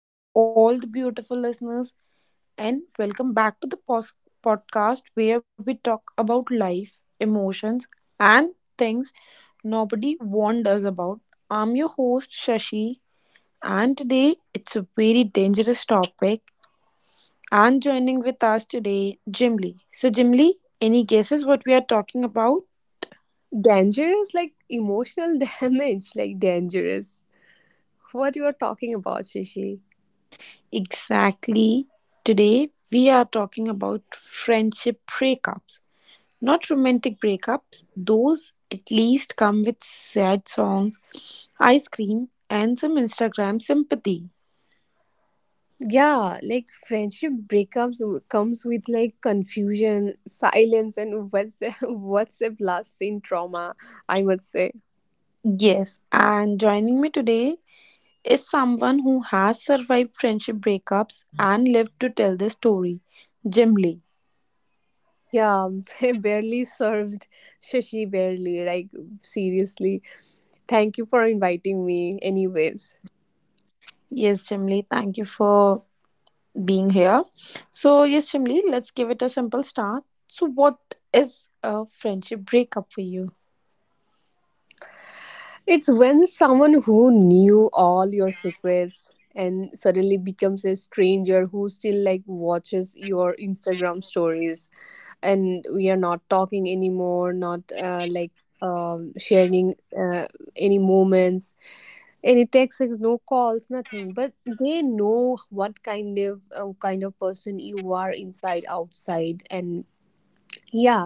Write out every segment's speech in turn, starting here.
Hello, all the beautiful listeners, and welcome back to the podcast where we talk about life, emotions, and things nobody warned us about. I'm your host, Shashi, and today it's a very dangerous topic. And joining with us today, Jimly. So, Jimly, any guesses what we are talking about? Dangerous, like emotional damage, like dangerous. What you are talking about, Shishi? Exactly. Today, we are talking about friendship breakups. Not romantic breakups, those at least come with sad songs, ice cream, and some Instagram sympathy. Yeah, like friendship breakups comes with like confusion, silence, and WhatsApp WhatsApp last seen trauma. I must say, Yes, and joining me today is someone who has survived friendship breakups and lived to tell the story, Jim. yeah, barely served, Shashi barely. Like seriously, thank you for inviting me. Anyways. Yes, Jim, thank you for being here. So, yes, Jim, let's give it a simple start. So, what is a friendship breakup for you? It's when someone who knew all your secrets and suddenly becomes a stranger who still like watches your Instagram stories and we are not talking anymore, not like sharing any moments, any texts, like, no calls, nothing. But they know what kind of person you are inside, outside, and yeah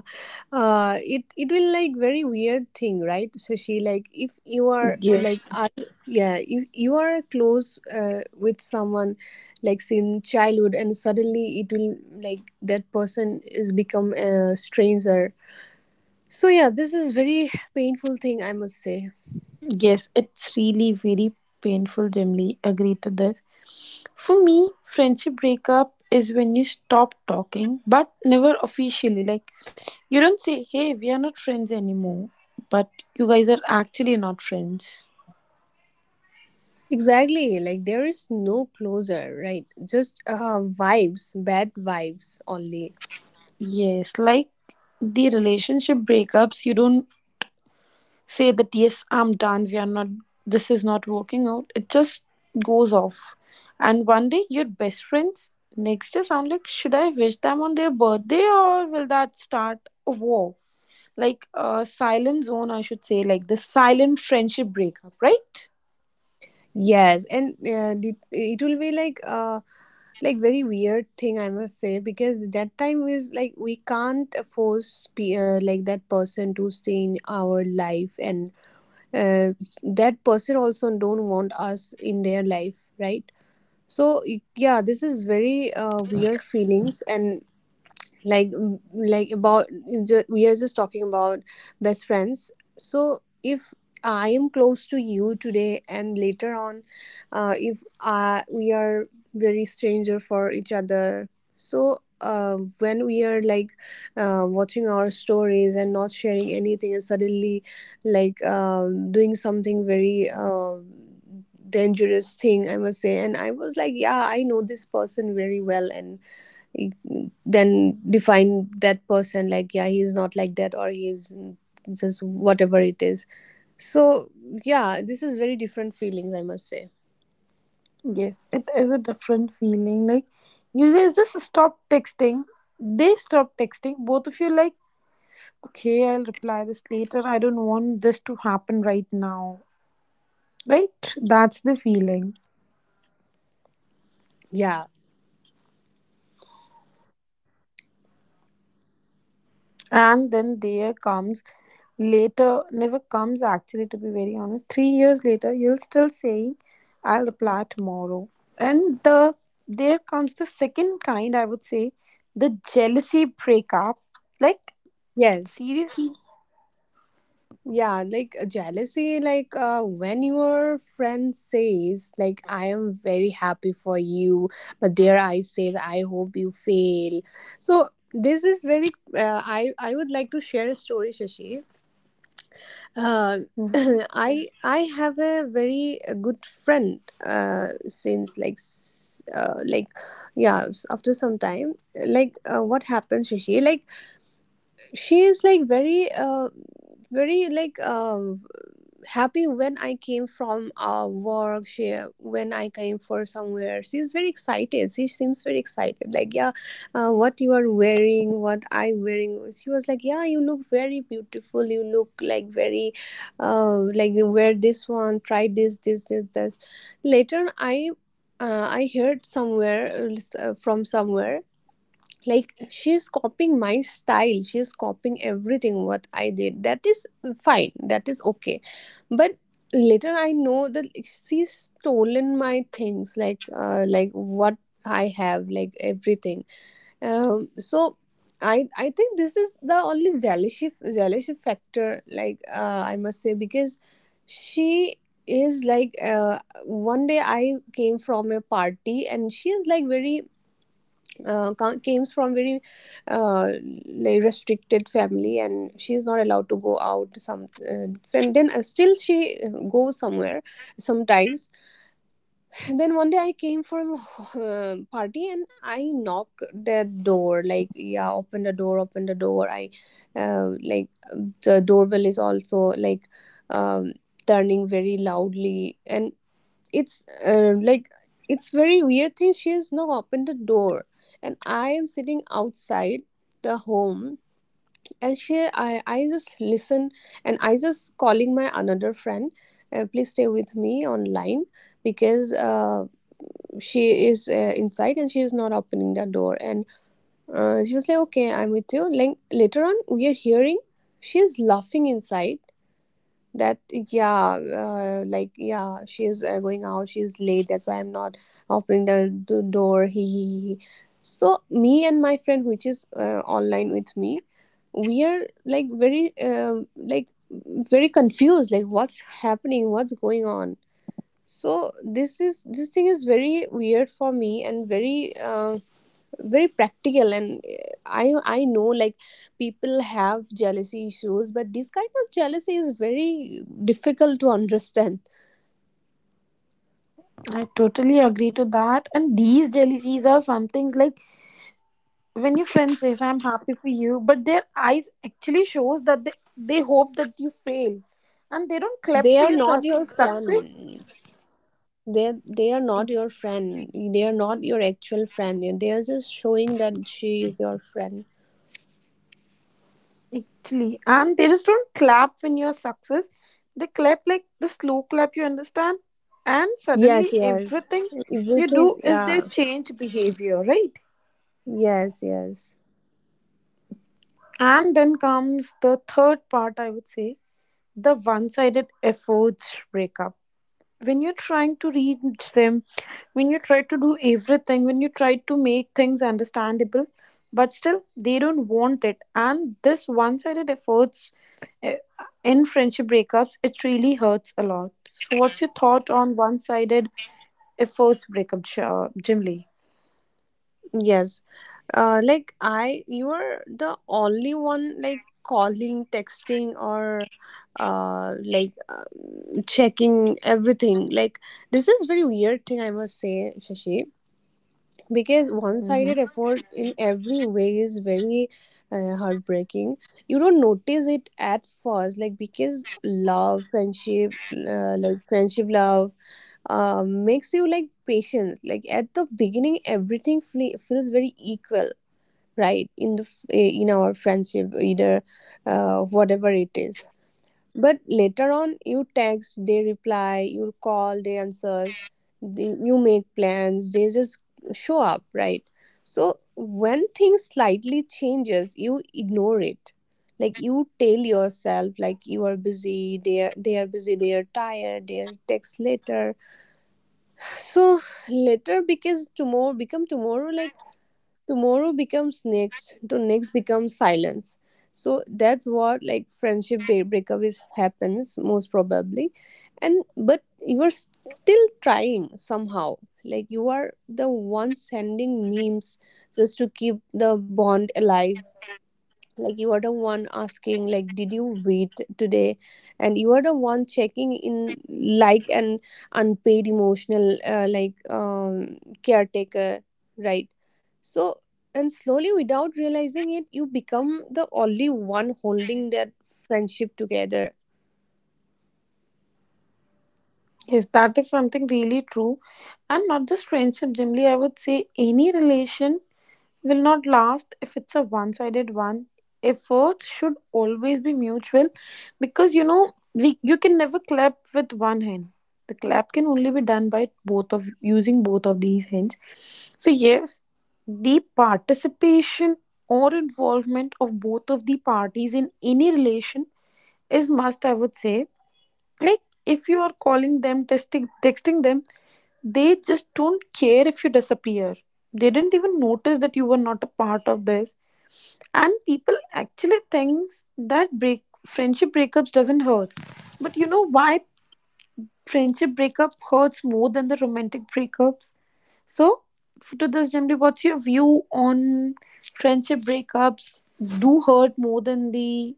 it will like very weird thing right, so she like if you are like are, Yes. yeah you are close with someone like since childhood, and suddenly it will like that person is become a stranger. So yeah, this is very painful thing, I must say. Yes, it's really very painful, Jimly. Agree to this. For me, friendship breakup is when you stop talking, but never officially. Like, you don't say, hey, we are not friends anymore, but you guys are actually not friends. Exactly, like there is no closure, right? Just vibes, bad vibes only. Yes, like the relationship breakups, you don't say that yes, I'm done, we are not, this is not working out, it just goes off. And one day your best friends, next day sound like, should I wish them on their birthday or will that start a war? Like a silent zone, I should say, like the silent friendship breakup, right? Yes, and it will be like very weird thing, I must say, because that time is like we can't force like that person to stay in our life, and uh, that person also don't want us in their life, right? So yeah, this is very weird feelings. And like like we are just talking about best friends. So if I am close to you today, and later on, if we are very stranger for each other, so when we are like watching our stories and not sharing anything, and suddenly like doing something very dangerous thing, I must say. And I was like, yeah, I know this person very well, and then define that person like, yeah, he's not like that, or he's just whatever it is. So yeah, this is very different feelings, I must say. Yes, it is a different feeling. Like you guys just stop texting, they stop texting, both of you like, okay, I'll reply this later, I don't want this to happen right now. Right? That's the feeling. Yeah. And then there comes later, never comes actually, to be very honest. 3 years later, you'll still saying, I'll reply tomorrow. And there comes the second kind, I would say, the jealousy breakup. Like, Yes. seriously? Yeah, like jealousy, like when your friend says like, I am very happy for you, but there I said, I hope you fail. So this is very I would like to share a story, Shashi. Uh, Mhm. I have a very good friend since like like yeah after some time. Like what happens, Shashi? Like she is like very very like happy when I came from work. She, when I came for somewhere, she's very excited. She seems very excited. Like, yeah, what you are wearing, what I wearing. She was like, yeah, you look very beautiful. You look like very, like wear this one. Try this, this, this, this. Later I. I heard somewhere, from somewhere, like she's copying my style, she's copying everything what I did. That is fine, that is okay, but later I know that she's stolen my things, like what I have, like everything. So I think this is the only jealousy factor, like I must say, because she is like one day I came from a party, and she is like very comes from very uh, like restricted family, and she is not allowed to go out, some and then still she goes somewhere sometimes. And then one day I came from a party, and I knocked the door, like, yeah, open the door, open the door. I like the doorbell is also like um, turning very loudly, and it's like it's very weird thing, she has not opened the door, and I am sitting outside the home. And she, I just listen, and I just calling my another friend, please stay with me online, because she is inside and she is not opening the door. And she was like, okay, I'm with you. Like later on, we are hearing she is laughing inside, that, yeah, like, yeah, she's going out. She is late, that's why I'm not opening the door. He, he, he. So me and my friend, which is online with me, we are like very confused, like what's happening, what's going on. So this is, this thing is very weird for me, and very very practical. And I know, like, people have jealousy issues, but this kind of jealousy is very difficult to understand. I totally agree to that. And these jealousies are some things like when your friend says I'm happy for you, but their eyes actually shows that they hope that you fail, and they don't They clap are for your not your success. friend. They are not Ex- your friend, they are not your actual friend, they are just showing that she is your friend. Actually, and they just don't clap when you're success, they clap like the slow clap, you understand, and Yes, suddenly yes. everything you Everything, do is their yeah. change behavior, right? Yes, yes. And then comes the third part, I would say, the one-sided efforts breakup. When you're trying to reach them, when you try to do everything, when you try to make things understandable, but still they don't want it, and this one-sided efforts, eh, in friendship breakups it really hurts a lot. So what's your thought on one-sided efforts breakup, Jim Lee? Yes, like, I, you are the only one like calling, texting, or like checking everything, like this is very weird thing, I must say, Shashi, because Hmm. one-sided effort in every way is very heartbreaking. You don't notice it at first, like because love, friendship like friendship love makes you like patient. Like at the beginning, everything feels very equal, right? In in our friendship either, whatever it is. But later on, you text, they reply, you call, they answers, they, you make plans, they just show up, right? So when things slightly changes, you ignore it. Like you tell yourself, like you are busy, they are busy, they are tired, they are text later. So later, because tomorrow become tomorrow, like tomorrow becomes next to next, becomes silence. So that's what, like, friendship breakup is happens, most probably. And but you are still trying somehow, like you are the one sending memes just to keep the bond alive. Like you are the one asking like, did you wait today? And you are the one checking in like an unpaid emotional like caretaker, right? So, and slowly, without realizing it, you become the only one holding that friendship together. Yes, that is something really true, and not just friendship, Jim, I would say any relation will not last if it's a one sided one. Efforts should always be mutual because you know, we you can never clap with one hand. The clap can only be done by both of using both of these hands. So yes, the participation or involvement of both of the parties in any relation is must, I would say. Like if you are calling them, texting them, they just don't care, if you disappear they didn't even notice that you were not a part of this. And people actually thinks that break friendship breakups doesn't hurt. But you know why friendship breakup hurts more than the romantic breakups? So to this, Jamli, what's your view on friendship breakups do hurt more than the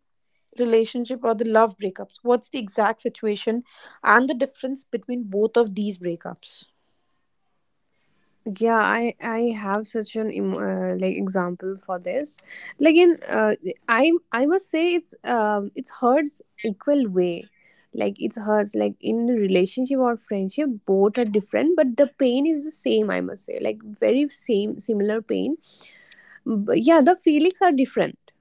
relationship or the love breakups? What's the exact situation and the difference between both of these breakups? Yeah, I have such an like example for this, like in I must say, it's hurts equal way. Like it's hurts like in relationship or friendship, both are different, but the pain is the same, I must say, like very same similar pain. But yeah, the feelings are different.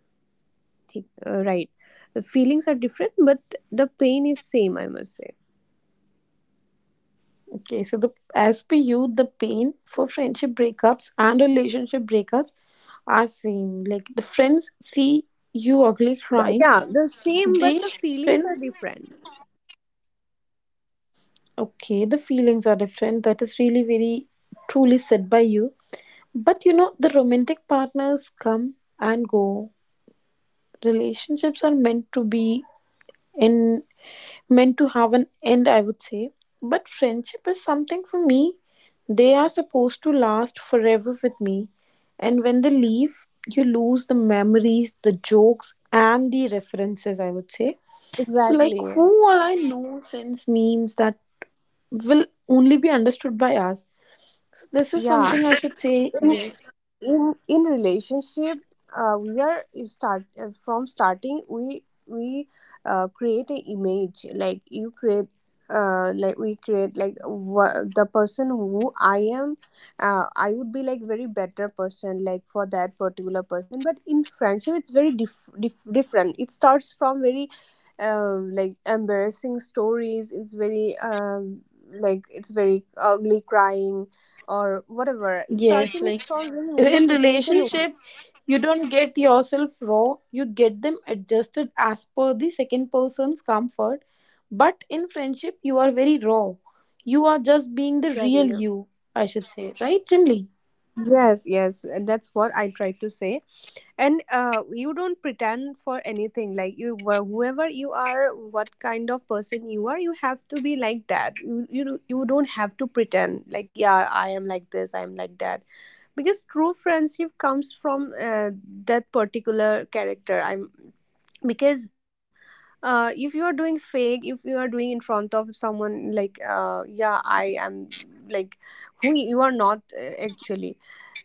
right, the feelings are different, but the pain is same, I must say. Okay, so the as per you the pain for friendship breakups and relationship breakups are same. Like the friends see you ugly But crying, yeah, the same, they but the feelings are friends different. okay, the feelings are different, that is really very truly said by you. But you know the romantic partners come and go, relationships are meant to be in meant to have an end, I would say. But friendship is something, for me they are supposed to last forever with me. And when they leave, you lose the memories, the jokes, and the references, I would say. So, like, who Exactly. all I know sends memes that will only be understood by us? So, this is Yeah, something I should say. Yes. in relationship, we are, you start from starting, we create an image, like you create like we create like the person who I am, I would be like very better person, like for that particular person. But in friendship, it's very diff different. It starts from very like embarrassing stories, it's very like it's very ugly crying or whatever. It's Yes, starting like, solving your in situation. relationship you don't get yourself raw, you get them adjusted as per the second person's comfort, but in friendship you are very raw, you are just being the real Exactly. you, I should say, right, Chinli? Yes, yes, and that's what I try to say. And you don't pretend for anything. Like you, whoever you are, what kind of person you are, you have to be like that. You don't have to pretend. Like, yeah, I am like this, I am like that. Because true friendship comes from that particular character. I'm, because if you are doing fake, if you are doing in front of someone like, yeah, I am like who you are not, actually,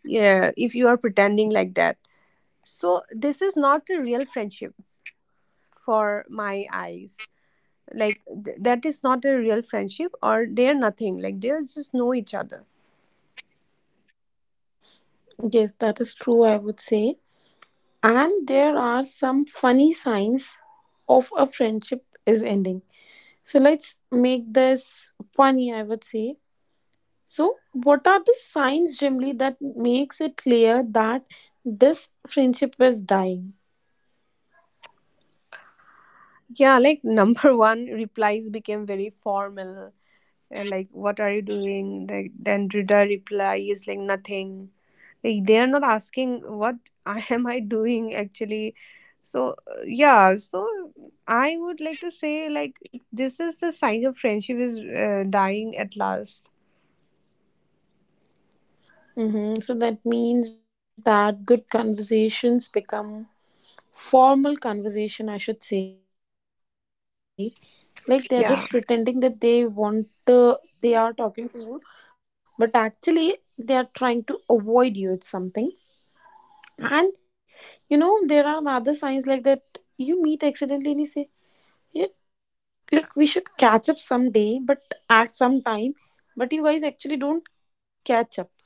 yeah, if you are pretending like that, so this is not a real friendship. For my eyes, like that is not a real friendship, or they're nothing, like they just know each other. Yes, that is true, I would say. And there are some funny signs of a friendship is ending, so let's make this funny, I would say. So, what are the signs, Jimly, that makes it clear that this friendship is dying? Yeah, like number one, replies became very formal. Like what are you doing, like then the reply is like nothing. Like, they are not asking what I am I doing actually. So yeah, so I would like to say like this is a sign of friendship is dying at last. Hmm. So that means that good conversations become formal conversation, I should say. Like they are just pretending that they want Yeah. to, they are talking to you, but actually they are trying to avoid you. It's something, and you know there are other signs like that. You meet accidentally and you say, yeah, like we should catch up someday, but at some time. But you guys actually don't catch up. Like, it's just a formality.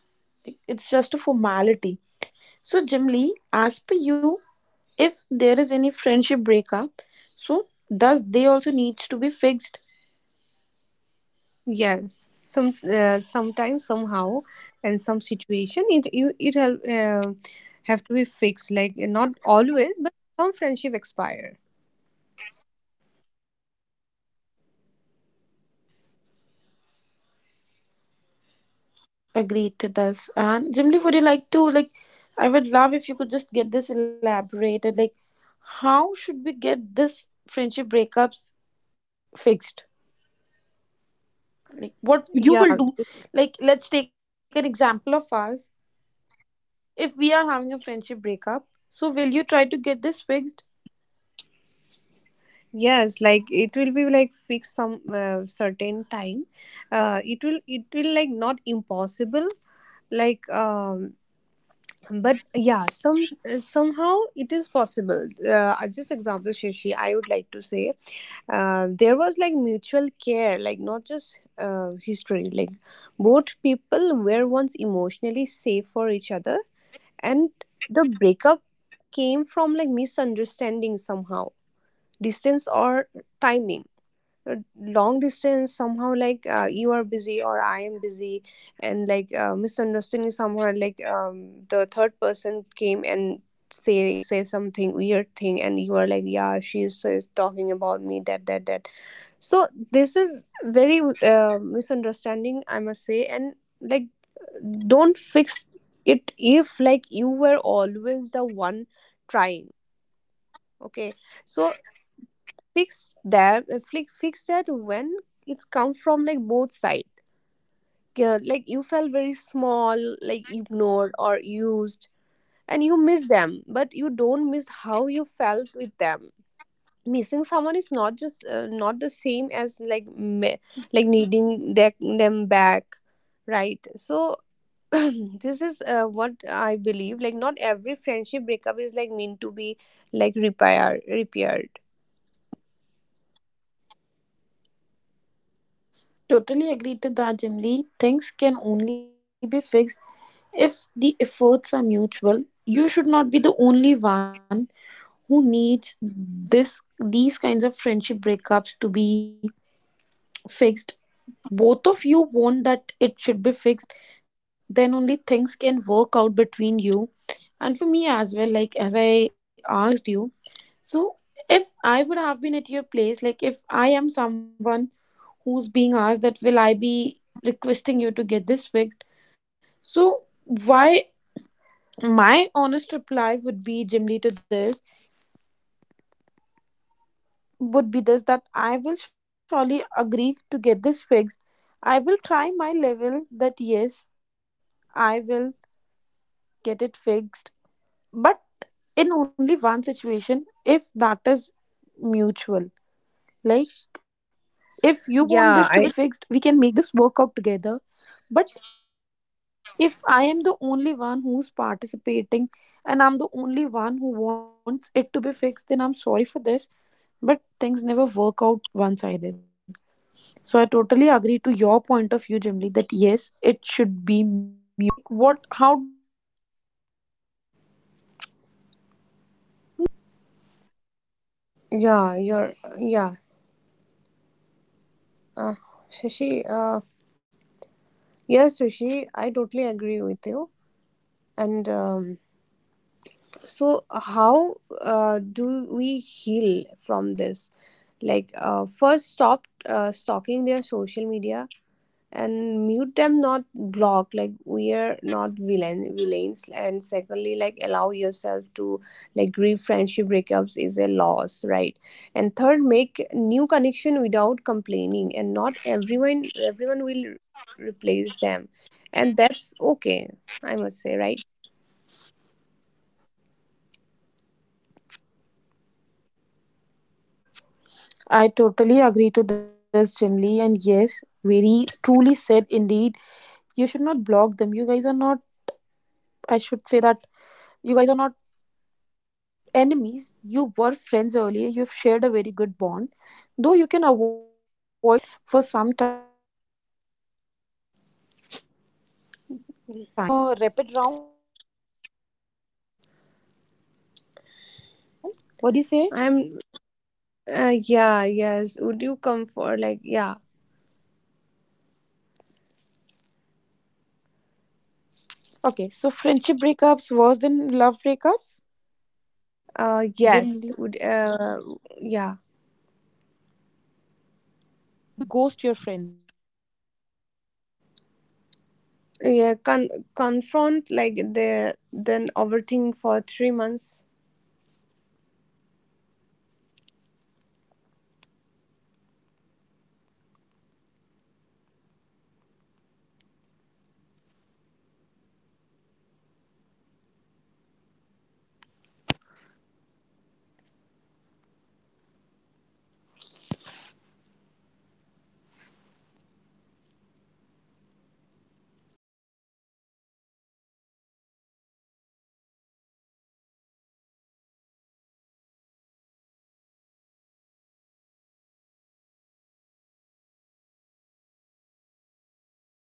So, Jim Lee, as per you, if there is any friendship breakup, so does they also needs to be fixed? Yes. Some, sometimes somehow, and some situation, it, you it have to be fixed. Like not always, but some friendship expire. Agreed to this. And Jim Lee, would you like to like? I would love if you could just get this elaborated. Like, how should we get this friendship breakups fixed? Like, what you will do? Like, let's take an example of Yeah. us. If we are having a friendship breakup, so will you try to get this fixed? Yes. Like it will be like fixed some certain time. It will like not impossible, like but yeah, some somehow it is possible. Just example, Shashi, I would like to say there was like mutual care, like not just history, like both people were once emotionally safe for each other, and the breakup came from like misunderstanding somehow, distance or timing, long distance somehow, like you are busy or I am busy, and like misunderstanding somehow, like the third person came and say something weird thing, and you are like, yeah, she is talking about me, that, that, that. So this is very misunderstanding, I must say. And like, don't fix it if, like, you were always the one trying. Okay, so fix that. Fix that when it's come from like both sides. Yeah, like you felt very small, like ignored or used, and you miss them, but you don't miss how you felt with them. Missing someone is not just not the same as like like needing them back, right? So this is what I believe, like not every friendship breakup is like meant to be like repaired. Totally agree to that, Jim Lee. Things can only be fixed if the efforts are mutual. You should not be the only one who needs this these kinds of friendship breakups to be fixed. Both of you want that it should be fixed, then only things can work out between you. And for me as well, like as I asked you, so, if I would have been at your place, like if I am someone who's being asked that, will I be requesting you to get this fixed? So, why, my honest reply would be, Jimly, to this would be this, that I will surely agree to get this fixed. I will try my level that yes, I will get it fixed, but in only one situation, if that is mutual. Like if you want this to be fixed we can make this work out together, Yeah, but I. if I am the only one who's participating and I'm the only one who wants it to be fixed, then I'm sorry for this, but things never work out one sided. So I totally agree to your point of view, Jimly, that yes, it should be mutual. Now let's get this to healing. Like what, how do you heal after friendship breakups? Yeah, you're. Yeah. Uh, Shashi, uh, yes, Shashi, I totally agree with you. And so, how do we heal from this? Like, first, stop stalking their social media, and mute them, not block, like we are not villains. And secondly, like allow yourself to like grieve, friendship breakups is a loss, right? And third, make new connection without complaining, and not everyone will replace them, and that's okay, I must say, right? I totally agree to this, Jimly, and yes, very truly said indeed. You should not block them. You guys are not, I should say that you guys are not enemies. You were friends earlier. You've shared a very good bond. Though you can avoid them, but you should still not block them. You should be with them for some time. So now, Jimly, before getting this end, would you mind having a rapid round? A quick round, Jimly? What do you say? I'm, yeah, yes, would you come for, like, yeah. Okay, so friendship breakups worse than love breakups? Yes, Jim. would, Okay. yeah. And would you confront or would you ghost your friend? Yeah, confront, like the, then overthink for three Okay, you'll get months it confronted. So, friendship breakups are awkward, painful, and confusing, but the teachers are alone a lot. They teaches us boundaries of self respect. They teaches us that when to let go and remember outgrowing people doesn't make you bad. Bad, it means that you are growing. So that's it for today's episode. Thank you so very much, Jim Lee, for being here. Thank you very much. And thanks to all the listeners. Have a great day ahead and please enjoy. Bye bye, guys. Have a wonderful day ahead.